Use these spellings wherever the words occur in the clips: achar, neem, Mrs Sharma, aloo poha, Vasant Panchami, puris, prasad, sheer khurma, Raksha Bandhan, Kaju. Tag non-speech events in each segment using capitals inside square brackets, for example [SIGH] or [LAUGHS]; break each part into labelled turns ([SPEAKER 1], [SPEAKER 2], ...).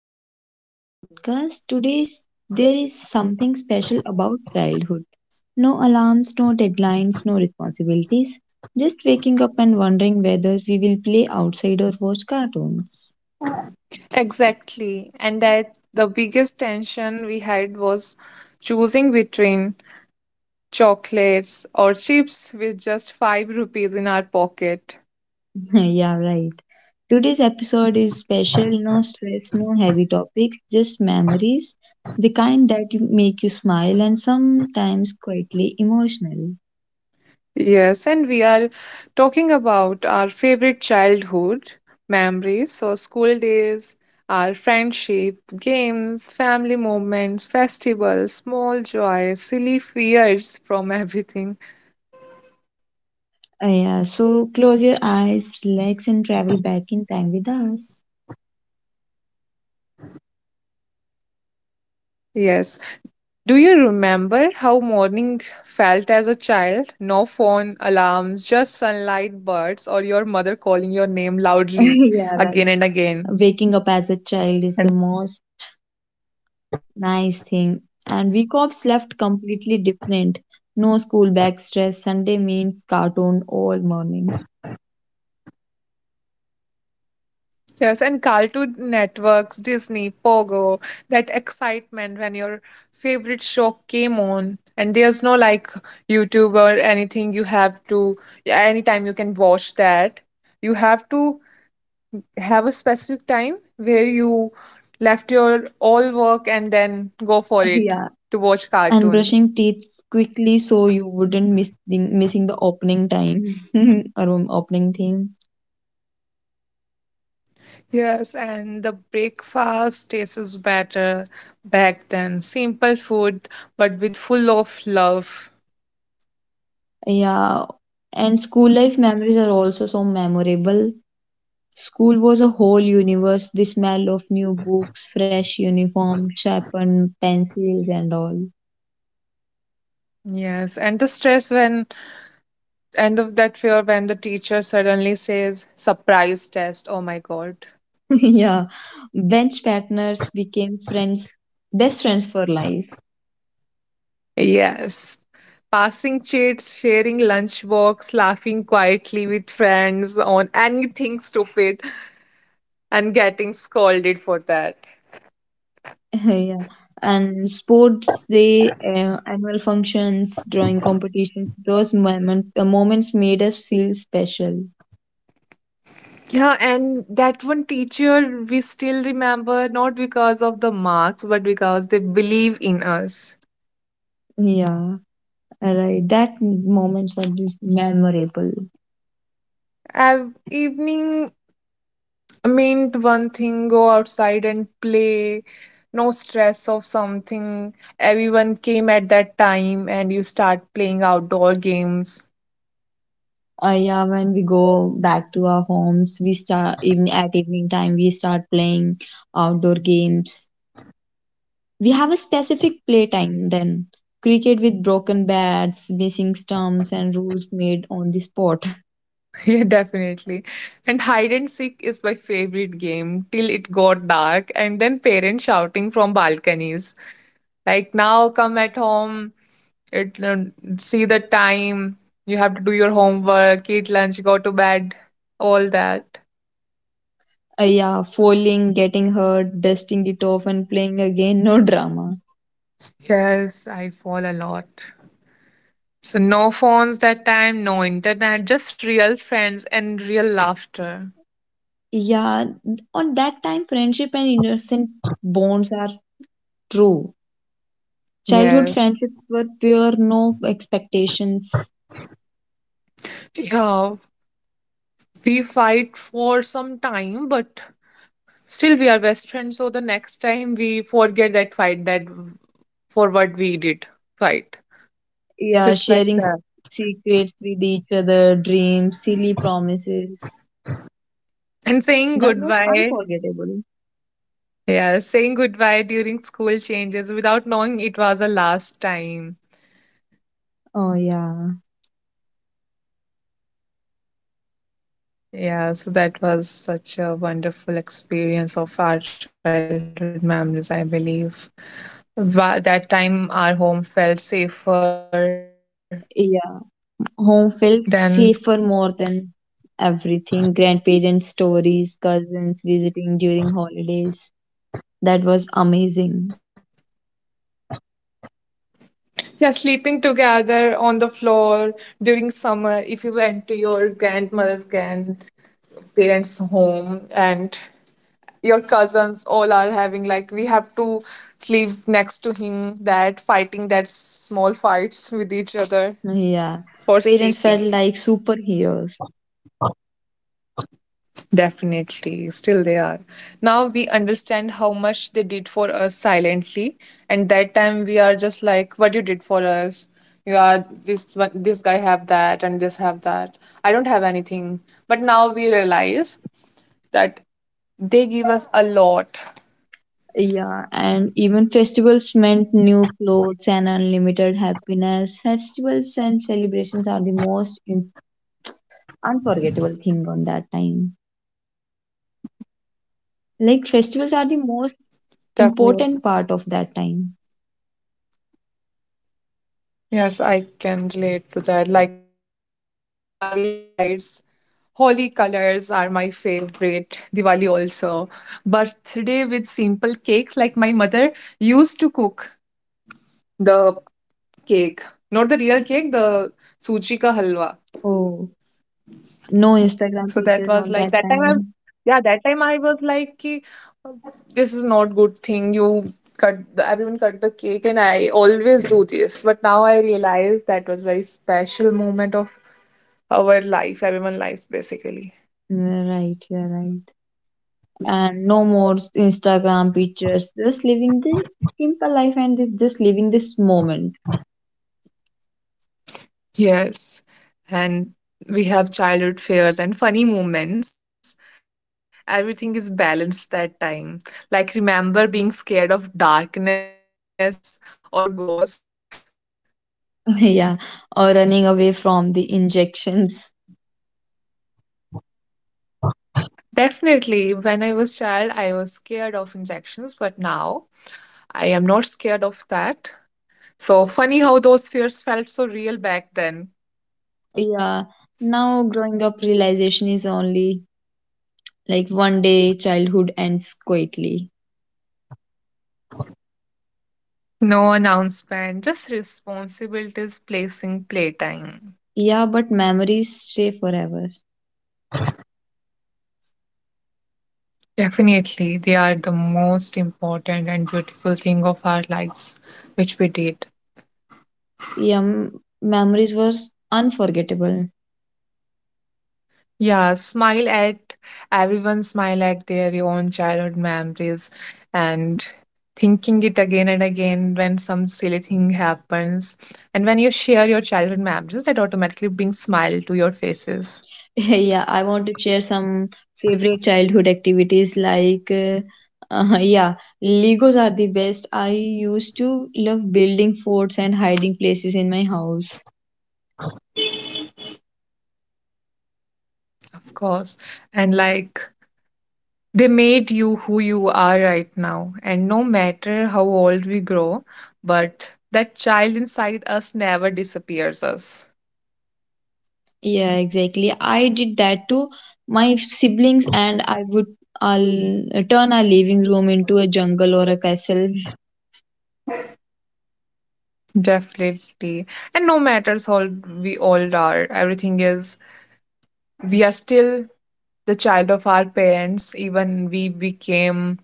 [SPEAKER 1] Welcome back to the podcast. Today's there is something special about childhood. No alarms, no deadlines, no responsibilities. Just waking up and wondering whether we will play outside or watch cartoons.
[SPEAKER 2] Exactly. And that the biggest tension we had was choosing between chocolates or chips with just 5 rupees in our pocket.
[SPEAKER 1] [LAUGHS] Yeah, right. Today's episode is special. No stress, no heavy topics, just memories. The kind that make you smile and sometimes quietly emotional.
[SPEAKER 2] Yes, and we are talking about our favorite childhood memories, so school days, our friendship, games, family moments, festivals, small joys, silly fears from [LAUGHS] everything.
[SPEAKER 1] Yeah, so close your eyes, relax, and travel back in time with us.
[SPEAKER 2] Yes, Do you remember how morning felt as a child? No phone, alarms, just sunlight, birds, or your mother calling your name
[SPEAKER 1] [LAUGHS] Yeah,
[SPEAKER 2] loudly
[SPEAKER 1] right.
[SPEAKER 2] again and again.
[SPEAKER 1] Waking up as a child is the
[SPEAKER 2] And-
[SPEAKER 1] most nice thing. And we cops left completely different. No school bag stress, Sunday means cartoon all morning.
[SPEAKER 2] Yes, and Cartoon Networks, Disney, Pogo, that excitement when your favorite show came on. And there's no like YouTube or anything you have to, anytime you can watch that. You have to have a specific time where you left your all work and then go for
[SPEAKER 1] [LAUGHS]
[SPEAKER 2] it
[SPEAKER 1] Yeah.
[SPEAKER 2] to watch
[SPEAKER 1] And
[SPEAKER 2] cartoons.
[SPEAKER 1] brushing teeth quickly so you wouldn't miss missing the opening time [LAUGHS] or opening thing.
[SPEAKER 2] Yes, and the breakfast tastes better back then. Simple food, but with full of love.
[SPEAKER 1] Yeah. And school life memories are also so memorable. School was a whole universe. The smell of new books, fresh uniform, sharpened pencils, and all.
[SPEAKER 2] Yes, and the stress that fear when the teacher suddenly says surprise test. Oh my god.
[SPEAKER 1] [LAUGHS] Yeah. Bench partners became friends, best friends for life.
[SPEAKER 2] Yes. Passing chats, sharing lunch walks, laughing quietly with friends on anything stupid and getting scolded for that.
[SPEAKER 1] [LAUGHS] Yeah. And sports day, annual functions, drawing competitions, those moments made us feel special.
[SPEAKER 2] Yeah, and that one teacher we still remember not because of the marks but because they believe in us.
[SPEAKER 1] Yeah, right. That moments were just memorable.
[SPEAKER 2] Evening meant one thing: go outside and play, no stress of something. Everyone came at that time and you start playing outdoor games.
[SPEAKER 1] Yeah, when we go back to our homes, we start even at evening time. We start playing outdoor games. We have a specific playtime then. Cricket with broken bats, missing stumps, and rules made on the spot.
[SPEAKER 2] [LAUGHS] Yeah, definitely. And hide and seek is my favorite game till it got dark, and then parents shouting from balconies, like, now come at home, it, um, see the time, you have to do your homework, eat lunch, go to bed, all that.
[SPEAKER 1] Yeah, falling, getting hurt, dusting it off, and playing again. No drama.
[SPEAKER 2] Yes, I fall a lot. So, no phones that time, no internet, just real friends and real laughter.
[SPEAKER 1] Yeah, on that time, friendship and innocent bonds are true. Childhood
[SPEAKER 2] Yeah.
[SPEAKER 1] friendships were pure, no expectations.
[SPEAKER 2] Yeah, we fight for some time, but still, we are best friends, so the next time we forget that fight, that for what we did fight. So
[SPEAKER 1] Yeah,
[SPEAKER 2] it's like
[SPEAKER 1] sharing
[SPEAKER 2] that.
[SPEAKER 1] secrets with each other, dreams, silly promises.
[SPEAKER 2] And saying
[SPEAKER 1] That was
[SPEAKER 2] goodbye.
[SPEAKER 1] unforgettable.
[SPEAKER 2] Yeah, saying goodbye during school changes without knowing it was a last time.
[SPEAKER 1] Oh, yeah.
[SPEAKER 2] Yeah, so that was such a wonderful experience of our childhood memories, I believe. That time our home felt safer
[SPEAKER 1] Yeah.
[SPEAKER 2] than,
[SPEAKER 1] Home felt safer more than everything. Grandparents' stories, cousins visiting during holidays. That was amazing.
[SPEAKER 2] yeah, sleeping together on the floor during summer. If you went to your grandmother's grand parents' home and your cousins all are having, like, we have to sleep next to him, that fighting, that small fights with each other
[SPEAKER 1] Yeah. Parents
[SPEAKER 2] for
[SPEAKER 1] felt like
[SPEAKER 2] sleeping.
[SPEAKER 1] superheroes.
[SPEAKER 2] Definitely still they are. Now we understand how much they did for us silently, and that time we are just like, what you did for us, you are this guy have that and this have that, I don't have anything, but now we realize that they give us a lot.
[SPEAKER 1] Yeah. And even festivals meant new clothes and unlimited happiness. Festivals and celebrations are the most unforgettable thing on that time. Like, festivals are the most
[SPEAKER 2] Definitely.
[SPEAKER 1] important part of that time.
[SPEAKER 2] Yes, I can relate to that. Like Diwali lights, holy colors are my favorite. Diwali also. Birthday with simple cakes, like my mother used to cook the cake, not the real cake, the suji ka halwa.
[SPEAKER 1] Oh, no
[SPEAKER 2] So
[SPEAKER 1] Instagram
[SPEAKER 2] that was
[SPEAKER 1] pictures
[SPEAKER 2] like
[SPEAKER 1] on
[SPEAKER 2] that
[SPEAKER 1] that
[SPEAKER 2] time
[SPEAKER 1] time.
[SPEAKER 2] that time I was like ki, this is not good thing. You cut the, everyone cut the cake and I always do this. But now I realize that was very special moment of our life, everyone lives basically.
[SPEAKER 1] You're right, you're right. And no more Instagram pictures, just living the simple life and just living this moment.
[SPEAKER 2] Yes. And we have childhood fears and funny moments. Everything is balanced that time. Like remember being scared of darkness or ghost.
[SPEAKER 1] [LAUGHS] Yeah, or running away from the injections.
[SPEAKER 2] Definitely. When I was child, I was scared of injections, but now I am not scared of that. So funny how those fears felt so real back then.
[SPEAKER 1] [LAUGHS] Yeah, now growing up realization is only like one day childhood ends quietly.
[SPEAKER 2] No announcement, just responsibilities placing playtime.
[SPEAKER 1] Yeah, but memories stay forever.
[SPEAKER 2] Definitely, they are the most important and beautiful thing of our lives, which we did.
[SPEAKER 1] Yeah, memories were unforgettable.
[SPEAKER 2] Yeah, smile at everyone, smile at their own childhood memories and thinking it again and again when some silly thing happens. And when you share your childhood memories, that automatically brings smile to your faces,
[SPEAKER 1] [LAUGHS] Yeah, I want to share some favorite childhood activities like uh, yeah, Legos are the best. I used to love building forts and hiding places in my house.
[SPEAKER 2] of course. And like they made you who you are right now. And no matter how old we grow, but that child inside us never disappears us.
[SPEAKER 1] Yeah, exactly. I did that to my siblings and I'll turn our living room into a jungle or a castle.
[SPEAKER 2] Definitely. And no matters how we old are, everything is we are still the child of our parents, even we became,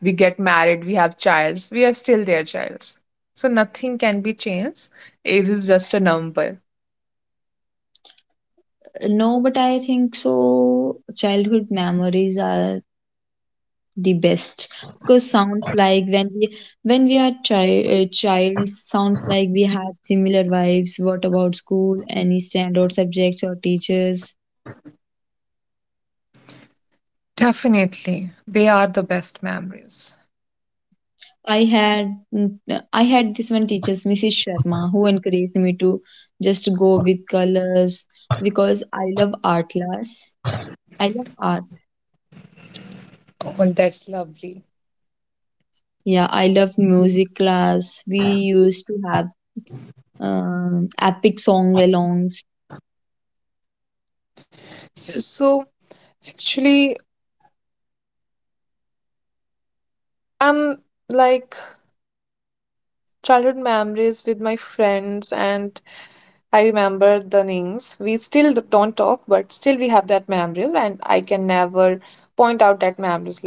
[SPEAKER 2] we get married, we have childs, we are still their childs. So nothing can be changed. Age is just a number.
[SPEAKER 1] No, but I think so childhood memories are the best because sounds like when we are child child sounds like we had similar vibes. What about school, any standout subjects or teachers?
[SPEAKER 2] Definitely. They are the best memories.
[SPEAKER 1] I had I had this one teacher, Mrs. Sharma, who encouraged me to just go with colors because I love art class. I love art.
[SPEAKER 2] Well, that's lovely.
[SPEAKER 1] Yeah, I love music class. We used to have epic song alongs.
[SPEAKER 2] So, actually, I'm like childhood memories with my friends and I remember the names. We still don't talk, but still we have that memories, and I can never point out that memories. Like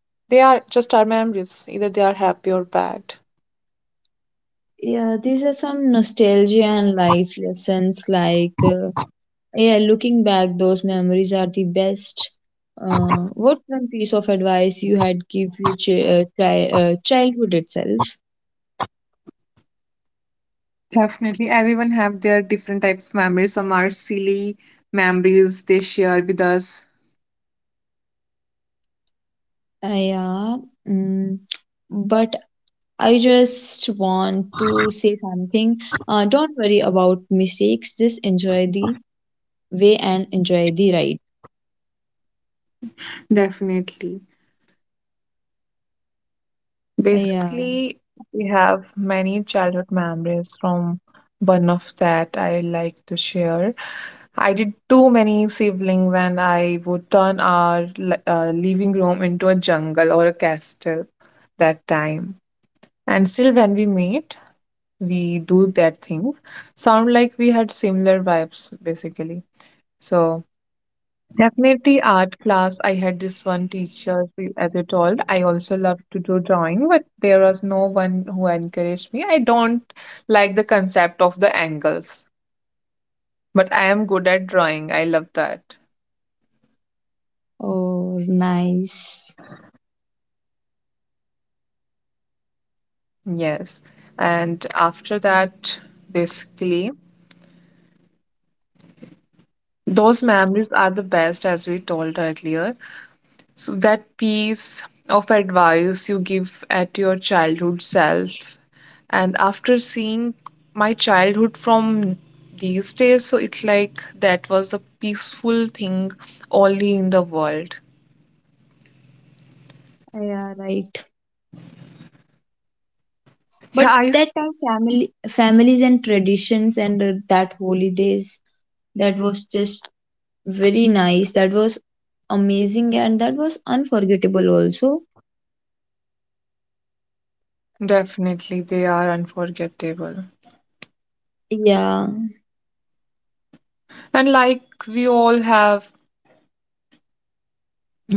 [SPEAKER 2] they are just our memories. Either they are happy or bad.
[SPEAKER 1] Yeah, these are some nostalgia and life lessons. Like, yeah, looking back, those memories are the best. What one piece of advice you had give your childhood itself?
[SPEAKER 2] Definitely, everyone have their different types of memories. Some are silly memories they share with us.
[SPEAKER 1] Uh, yeah, mm, but I just want to say something. Don't worry about mistakes. Just enjoy the way and enjoy the ride.
[SPEAKER 2] Definitely.
[SPEAKER 1] Yeah.
[SPEAKER 2] Basically, we have many childhood memories, from one of that I like to share. I did too many siblings, and I would turn our living room into a jungle or a castle that time. And still, when we meet, we do that thing. Sound like we had similar vibes, basically. So definitely art class. I had this one teacher, as I told, I also love to do drawing, but there was no one who encouraged me. I don't like the concept of the angles, but I am good at drawing. I love that.
[SPEAKER 1] Oh, nice.
[SPEAKER 2] Yes. And after that, basically, those memories are the best, as we told earlier. So that piece of advice you give at your childhood self, and after seeing my childhood from these days, so it's like that was a peaceful thing only in the world.
[SPEAKER 1] Yeah, right.
[SPEAKER 2] Yeah,
[SPEAKER 1] But
[SPEAKER 2] I
[SPEAKER 1] that time family, families and traditions and that holidays, that was just very nice. That was amazing and that was unforgettable also.
[SPEAKER 2] definitely they are unforgettable.
[SPEAKER 1] Yeah,
[SPEAKER 2] And like we all have,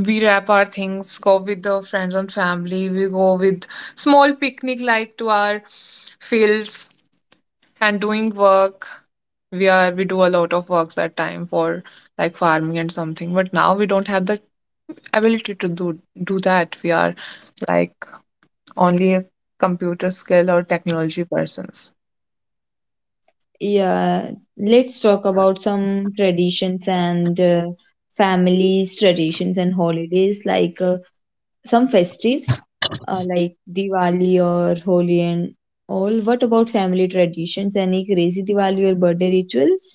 [SPEAKER 2] we wrap our things, go with the friends and family. We go with small picnic like to our fields and doing work, we are, we do a lot of works at time for like farming and something, but now we don't have the ability to do that. We are like only a computer skill or technology persons.
[SPEAKER 1] yeah, let's talk about some traditions and families traditions and holidays, like some festives, like Diwali or Holi and all. What about family traditions, any crazy Diwali or birthday rituals?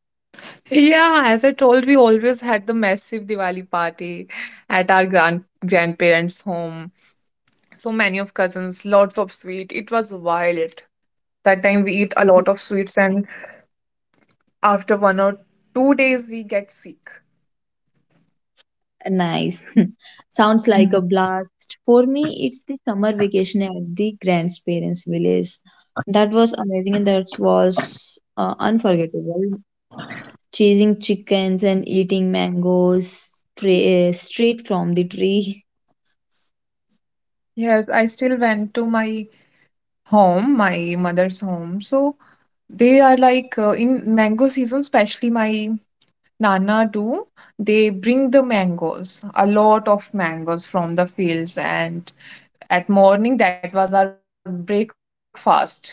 [SPEAKER 2] Yeah, as I told, we always had the massive Diwali party at our grandparents' home. So many of cousins, lots of sweet. It was wild. That time we eat a lot of sweets, and after one or two days we get sick.
[SPEAKER 1] Nice. [LAUGHS] Sounds like a blast. For me, it's the summer vacation at the grandparents' village. That was amazing and that was unforgettable. Chasing chickens and eating mangoes straight from the tree.
[SPEAKER 2] Yes, I still went to my home, my mother's home. So they are like in mango season, especially my nana do. They bring the mangoes, a lot of mangoes from the fields, and at morning that was our breakfast.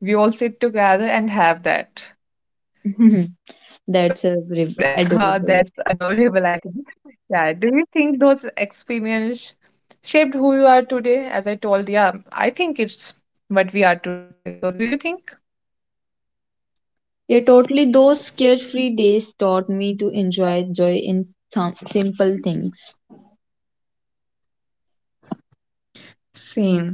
[SPEAKER 2] We all sit together and have that. So
[SPEAKER 1] [LAUGHS]
[SPEAKER 2] [LAUGHS]
[SPEAKER 1] That's a
[SPEAKER 2] that's
[SPEAKER 1] re-
[SPEAKER 2] adorable, I
[SPEAKER 1] adorable.
[SPEAKER 2] think. Yeah. Do you think those experience shaped who you are today? As I told, yeah, I think it's what we are today. So do you think?
[SPEAKER 1] Yeah, totally. Those carefree days taught me to enjoy joy in some simple things.
[SPEAKER 2] Same.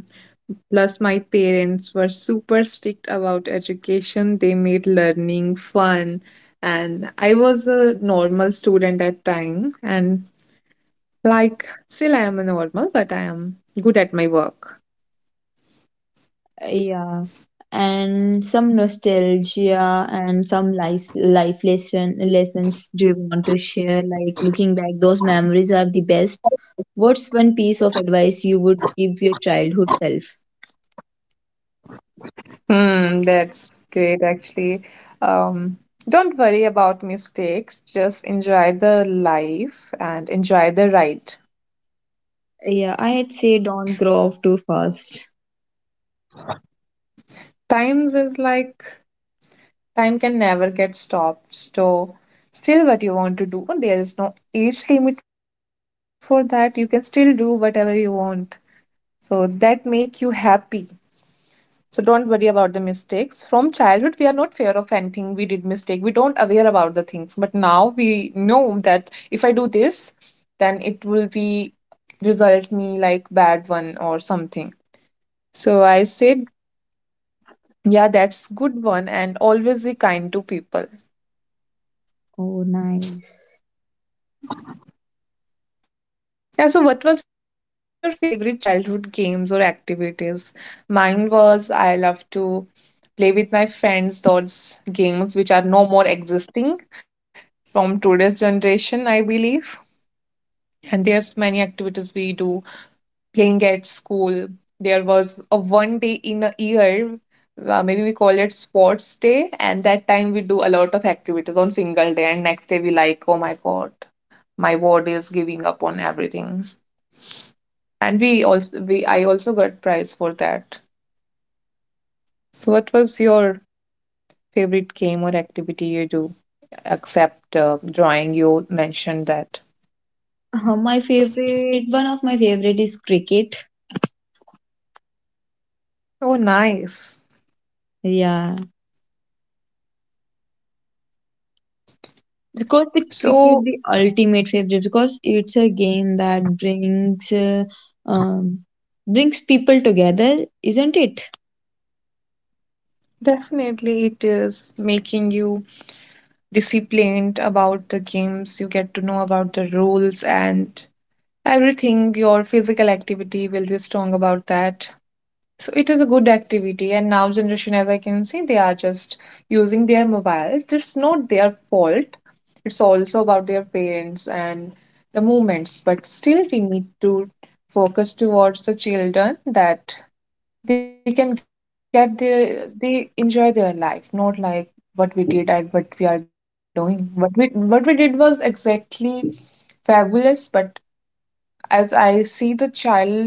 [SPEAKER 2] Plus, my parents were super strict about education. They made learning fun. And I was a normal student at time. And like, still I am a normal, but I am good at my work.
[SPEAKER 1] Yeah, and some nostalgia and some life lessons do you want to share? Like, looking back, those memories are the best. What's one piece of advice you would give your childhood self?
[SPEAKER 2] Hmm, that's great actually. Um, don't worry about mistakes, just enjoy the life and enjoy the ride.
[SPEAKER 1] Yeah, I'd say don't grow up too fast.
[SPEAKER 2] Times is like time can never get stopped. So still what you want to do, there is no age limit for that. You can still do whatever you want. So that make you happy. So don't worry about the mistakes. From childhood, we are not fear of anything. We did mistake. We don't aware about the things. But now we know that if I do this, then it will be result me like bad one or something. So I said, yeah, that's good one. And always be kind to people.
[SPEAKER 1] Oh, nice.
[SPEAKER 2] Yeah. So what was your favorite childhood games or activities? Mine was I love to play with my friends those games which are no more existing from today's generation, I believe. And there's many activities we do playing at school. There was a one day in a year, maybe we call it sports day, and that time we do a lot of activities on single day, and next day we like, oh my god, my body is giving up on everything. And we also we I also got prize for that. So what was your favorite game or activity you do except drawing? You mentioned that.
[SPEAKER 1] My favorite, one of my favorite is cricket.
[SPEAKER 2] Oh, nice.
[SPEAKER 1] Yeah, because the cricket
[SPEAKER 2] So,
[SPEAKER 1] the ultimate favorite because it's a game that brings um, brings people together, isn't it?
[SPEAKER 2] definitely, it is making you disciplined about the games. You get to know about the rules and everything. Your physical activity will be strong about that. So, it is a good activity. And now, generation, as I can see, they are just using their mobiles. It's not their fault, it's also about their parents and the movements. But still, we need to focus towards the children that they can get their they enjoy their life, not like what we did and what we are doing. What we did was exactly fabulous. But as I see, the child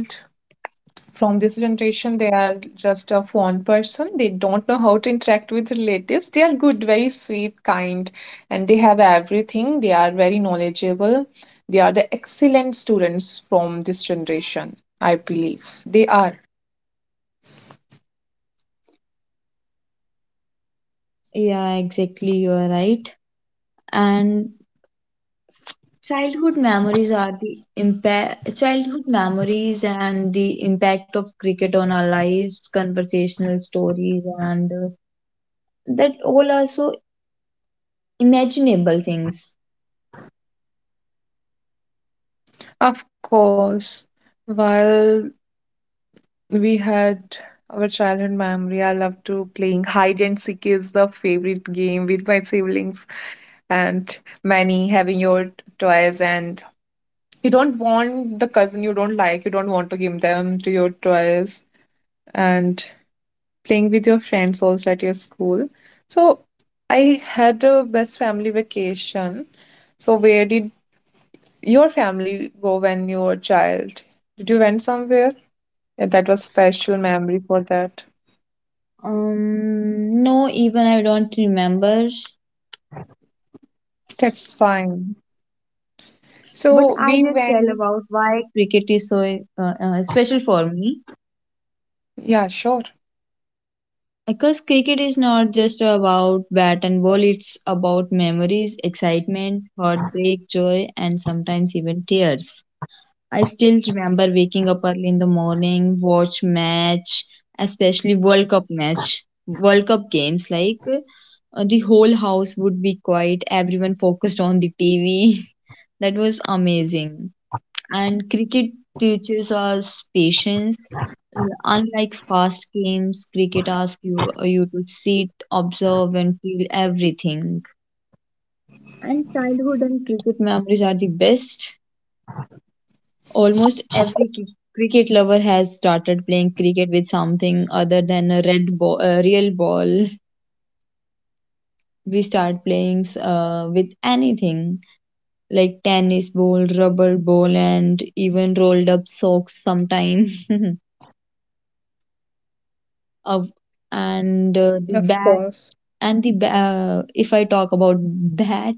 [SPEAKER 2] from this generation, they are just a fond person. They don't know how to interact with relatives. They are good, very sweet, kind, and they have everything. They are very knowledgeable. They are the excellent students from this generation, I believe. They are.
[SPEAKER 1] Yeah, exactly. You are right. And childhood memories are the impact. Childhood memories and the impact of cricket on our lives, conversational stories, and that all are so imaginable things.
[SPEAKER 2] Of course, while we had our childhood memory, I love to playing hide and seek is the favorite game with my siblings, and many having your toys, and you don't want the cousin you don't like, you don't want to give them to your toys, and playing with your friends also at your school. So I had a best family vacation. So where did your family go when you were a child? Did you went somewhere? Yeah, that was special memory for that.
[SPEAKER 1] No, even I don't remember.
[SPEAKER 2] That's fine.
[SPEAKER 1] But
[SPEAKER 2] So
[SPEAKER 1] I
[SPEAKER 2] we
[SPEAKER 1] just tell
[SPEAKER 2] went.
[SPEAKER 1] about why cricket is so special for me.
[SPEAKER 2] Yeah, sure.
[SPEAKER 1] Because cricket is not just about bat and ball, it's about memories, excitement, heartbreak, joy, and sometimes even tears. I still remember waking up early in the morning, watch match, especially World Cup match, World Cup games. Like the whole house would be quiet, everyone focused on the TV. [LAUGHS] That was amazing. And cricket teaches us patience. Yeah, unlike fast games, cricket asks you to sit, observe, and feel everything. And childhood and cricket memories are the best. Almost every cricket lover has started playing cricket with something other than a red ball, a real ball. [LAUGHS] We start playing with anything like tennis ball, rubber ball, and even rolled up socks sometimes. [LAUGHS] Of
[SPEAKER 2] Of
[SPEAKER 1] and
[SPEAKER 2] course,
[SPEAKER 1] the bat and if I talk about bat,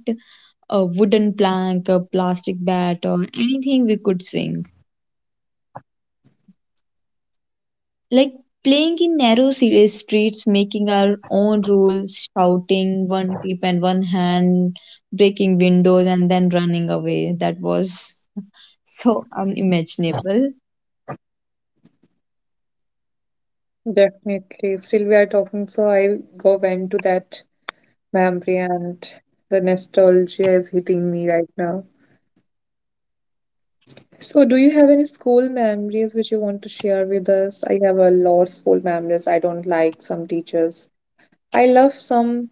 [SPEAKER 1] a wooden plank, a plastic bat, or anything we could swing, like playing in narrow city streets, making our own rules, shouting one peep and one hand, breaking windows and then running away. That was [LAUGHS] so unimaginable.
[SPEAKER 2] definitely. Still, we are talking, so I go went to that memory, and the nostalgia is hitting me right now. So, do you have any school memories which you want to share with us? I have a lot of school memories. I don't like some teachers. I love some.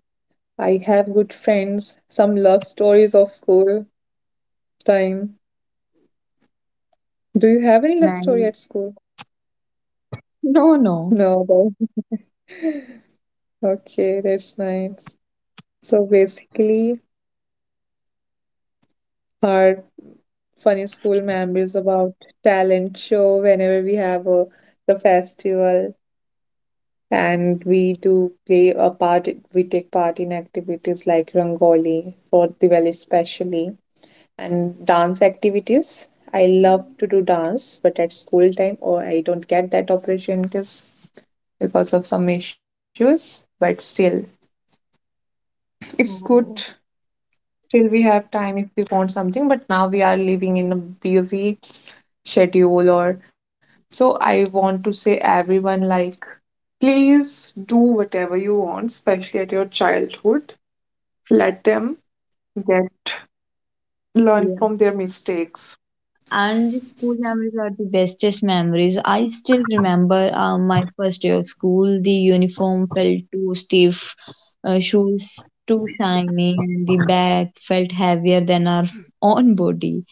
[SPEAKER 2] I have good friends. Some love stories of school time. Do you have any love story
[SPEAKER 1] Like,
[SPEAKER 2] at school?
[SPEAKER 1] no,
[SPEAKER 2] No. Okay, that's nice. So basically, our funny school memories about talent show, whenever we have a the festival and we do play a part, we take part in activities like Rangoli for Diwali especially, and dance activities. I love to do dance, but at school time, or I don't get that opportunities because of some issues, but still it's good.
[SPEAKER 1] oh,
[SPEAKER 2] Still, we have time if we want something, but now we are living in a busy schedule or so. I want to say everyone, like, please do whatever you want, especially at your childhood. Let them get learn
[SPEAKER 1] yeah.
[SPEAKER 2] from their mistakes.
[SPEAKER 1] And the school memories are the bestest memories. I still remember my first day of school. The uniform felt too stiff, shoes too shiny, and the bag felt heavier than our own body.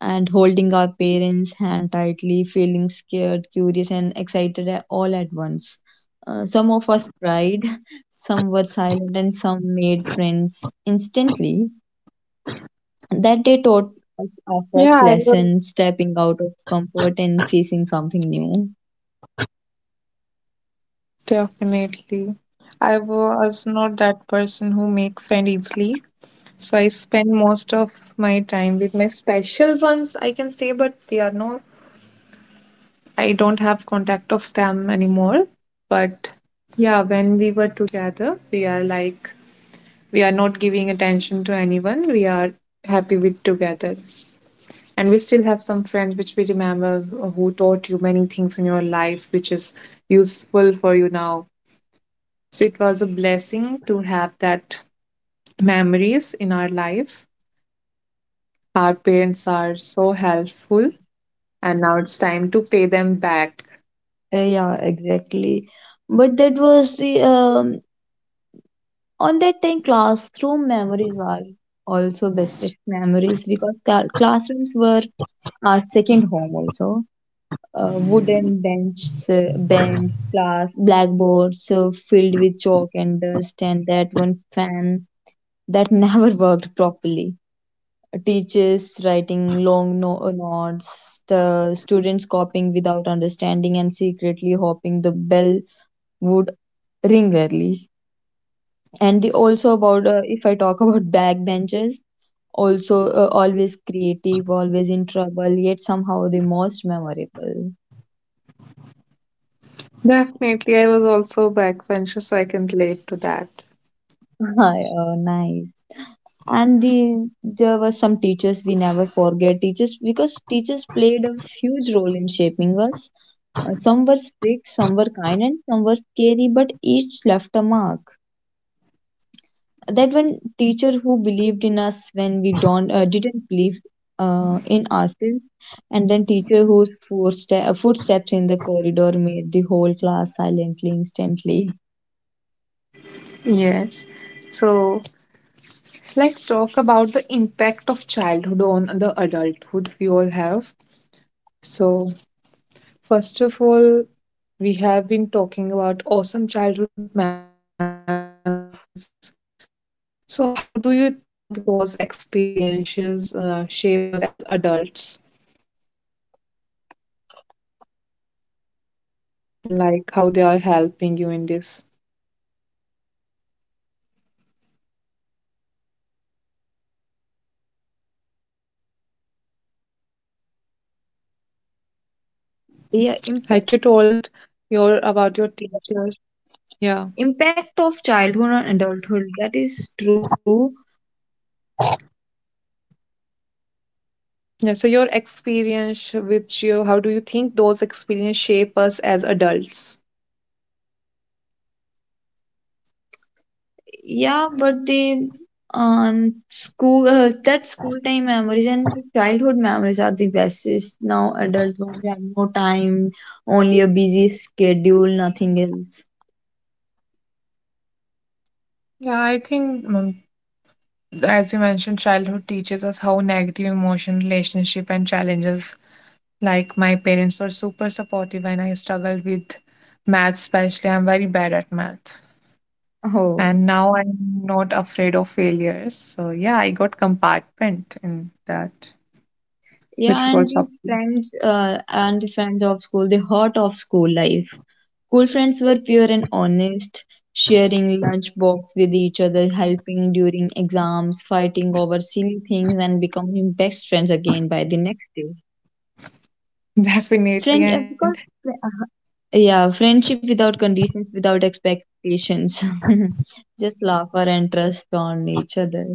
[SPEAKER 1] And holding our parents' hand tightly, feeling scared, curious, and excited all at once. Some of us cried, [LAUGHS] some were silent, and some made friends instantly. That day taught us
[SPEAKER 2] Yeah,
[SPEAKER 1] our
[SPEAKER 2] I
[SPEAKER 1] first
[SPEAKER 2] will
[SPEAKER 1] lesson, stepping out of comfort and facing something new.
[SPEAKER 2] definitely. I was not that person who make friend easily. So I spend most of my time with my special ones, I can say, but they are not, I don't have contact of them anymore. But yeah, when we were together, we are like we are not giving attention to anyone. We are happy with together. And we still have some friends which we remember, who taught you many things in your life which is useful for you now. So it was a blessing to have that memories in our life. Our parents are so helpful, and now it's time to pay them back.
[SPEAKER 1] Yeah, exactly. But that was the, on that time, classroom memories are also bestest memories because classrooms were our second home also. Wooden benches, blackboards filled with chalk and dust, and that one fan that [LAUGHS] never worked properly. Teachers writing long notes, the students copying without understanding and secretly hoping the bell would ring early. And the, also about if I talk [LAUGHS] about backbenchers, also always creative, always in trouble, yet somehow the most memorable.
[SPEAKER 2] Definitely, I was also a backbencher, so I can relate to that.
[SPEAKER 1] [LAUGHS] Hi, nice. And the, there were some teachers we never forget. Teachers, because teachers played a huge role in shaping us. Some were strict, some were kind, and some were scary, but each left a mark. That one teacher who believed in us when we don't didn't believe in ourselves, and then teacher whose footsteps in the corridor made the whole class silently instantly.
[SPEAKER 2] Yes. So let's talk about the impact of childhood on the adulthood we all have. So, first of all, we have been talking about awesome childhood memories. So, how do you think those experiences shape us as adults? Like, how they are helping you in this? Like you told your
[SPEAKER 1] Yeah,
[SPEAKER 2] about your teachers. Yeah.
[SPEAKER 1] impact of childhood on adulthood, that is true.
[SPEAKER 2] Yeah, so your experience with you, how do you think those experience shape us as adults?
[SPEAKER 1] Yeah, but the school that school time memories and childhood memories are the best. It's now adult ones have no time, only a busy schedule, nothing else.
[SPEAKER 2] Yeah, I think, as you mentioned, childhood teaches us how negative emotion, relationship, and challenges. Like my parents were super supportive when I struggled with math, especially. I'm very bad at math. And
[SPEAKER 1] Oh,
[SPEAKER 2] now I'm not afraid of failures. So, yeah, I got compartment in that, which we call
[SPEAKER 1] yeah,
[SPEAKER 2] support.
[SPEAKER 1] and the friends of school, the heart of school life. School friends were pure and honest, sharing lunchbox with each other, helping during exams, fighting over silly things, and becoming best friends again by the next day.
[SPEAKER 2] [LAUGHS] Definitely.
[SPEAKER 1] Friend, uh,
[SPEAKER 2] And
[SPEAKER 1] because, uh, yeah, friendship without conditions, without expectations. [LAUGHS] Just laughter and trust on each other.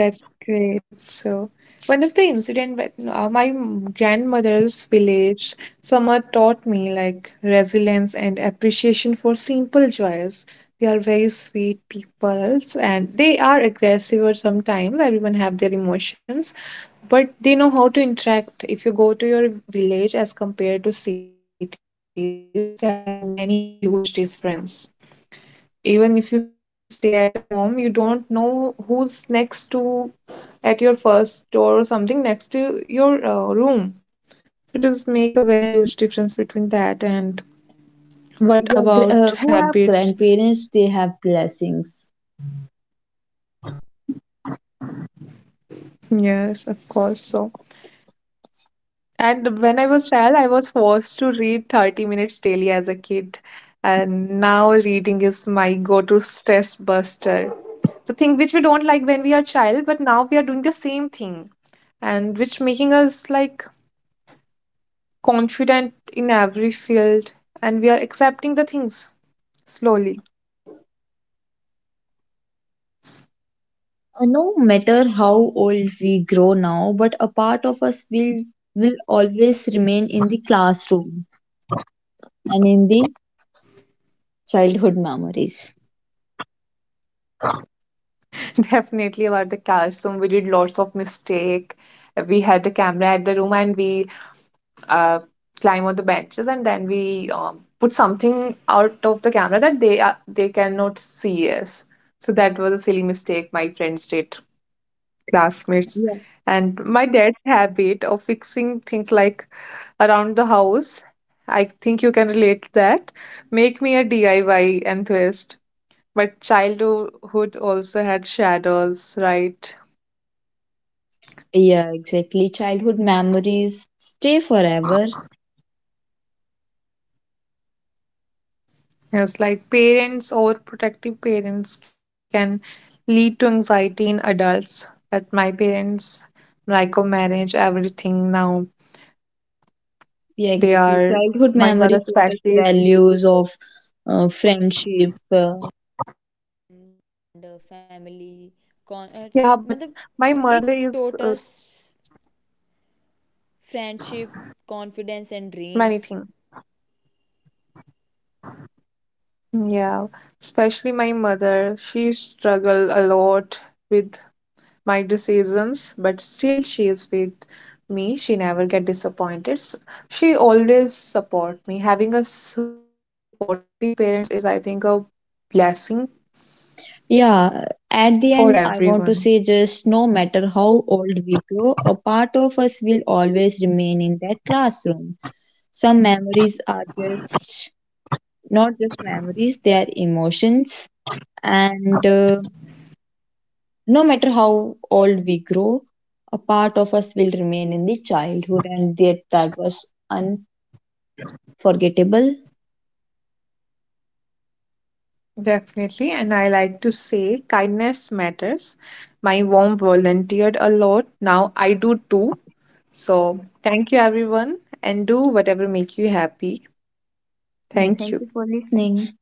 [SPEAKER 2] that's great. So, one of the incident with my grandmother's village summer taught me like resilience and appreciation for simple joys. They are very sweet people, and they are aggressive, or sometimes everyone have their emotions, but they know how to interact. If you go to your village as compared to cities, there are many huge difference. Even if you stay at a home, you don't know who's next to at your first door or something next to your room. So it does make a very huge difference between that. And what about
[SPEAKER 1] Yeah,
[SPEAKER 2] habits?
[SPEAKER 1] who have grandparents, they have blessings.
[SPEAKER 2] Yes, of course. So, and when I was child, I was forced to read 30 minutes daily as a kid, and now reading is my go-to stress buster. The thing which we don't like when we are child, but now we are doing the same thing, and which making us like confident in every field, and we are accepting the things slowly.
[SPEAKER 1] No matter how old we grow now, but a part of us will always remain in the classroom and in the childhood memories.
[SPEAKER 2] [LAUGHS] Definitely, about the classroom, we did lots of mistake. We had a camera at the room, and we uh, climb on the benches, and then we put something out of the camera that they cannot see us. So that was a silly mistake my friends did. Classmates.
[SPEAKER 1] Yeah,
[SPEAKER 2] And my dad's habit of fixing things like around the house, I think you can relate to that, make me a DIY enthusiast. But childhood also had shadows, right?
[SPEAKER 1] yeah, exactly. Childhood memories stay forever.
[SPEAKER 2] It's like parents overprotective parents can lead to anxiety in adults. But my parents micromanage everything now.
[SPEAKER 1] Yeah,
[SPEAKER 2] They
[SPEAKER 1] exactly.
[SPEAKER 2] are
[SPEAKER 1] Childhood
[SPEAKER 2] my mother
[SPEAKER 1] memories taught us
[SPEAKER 2] especially.
[SPEAKER 1] values of friendship,
[SPEAKER 2] Yeah, but my mother is uh, many things. Yeah, especially my mother. She struggled a lot with my decisions, but still she is with me. She never get disappointed. She always support me. Having a supportive parents is, I think, a blessing
[SPEAKER 1] yeah. At
[SPEAKER 2] for
[SPEAKER 1] the end, I
[SPEAKER 2] everyone.
[SPEAKER 1] want to say just no matter how old we grow, a part of us will always remain in that classroom. Some memories are just not just memories, they are emotions. And no matter how old we grow, a part of us will remain in the childhood, and that was unforgettable.
[SPEAKER 2] Definitely, and I like to say kindness matters. My mom volunteered a lot. Now I do too. So thank you, everyone, and do whatever make you happy.
[SPEAKER 1] Yeah,
[SPEAKER 2] Thank you.
[SPEAKER 1] thank you for listening.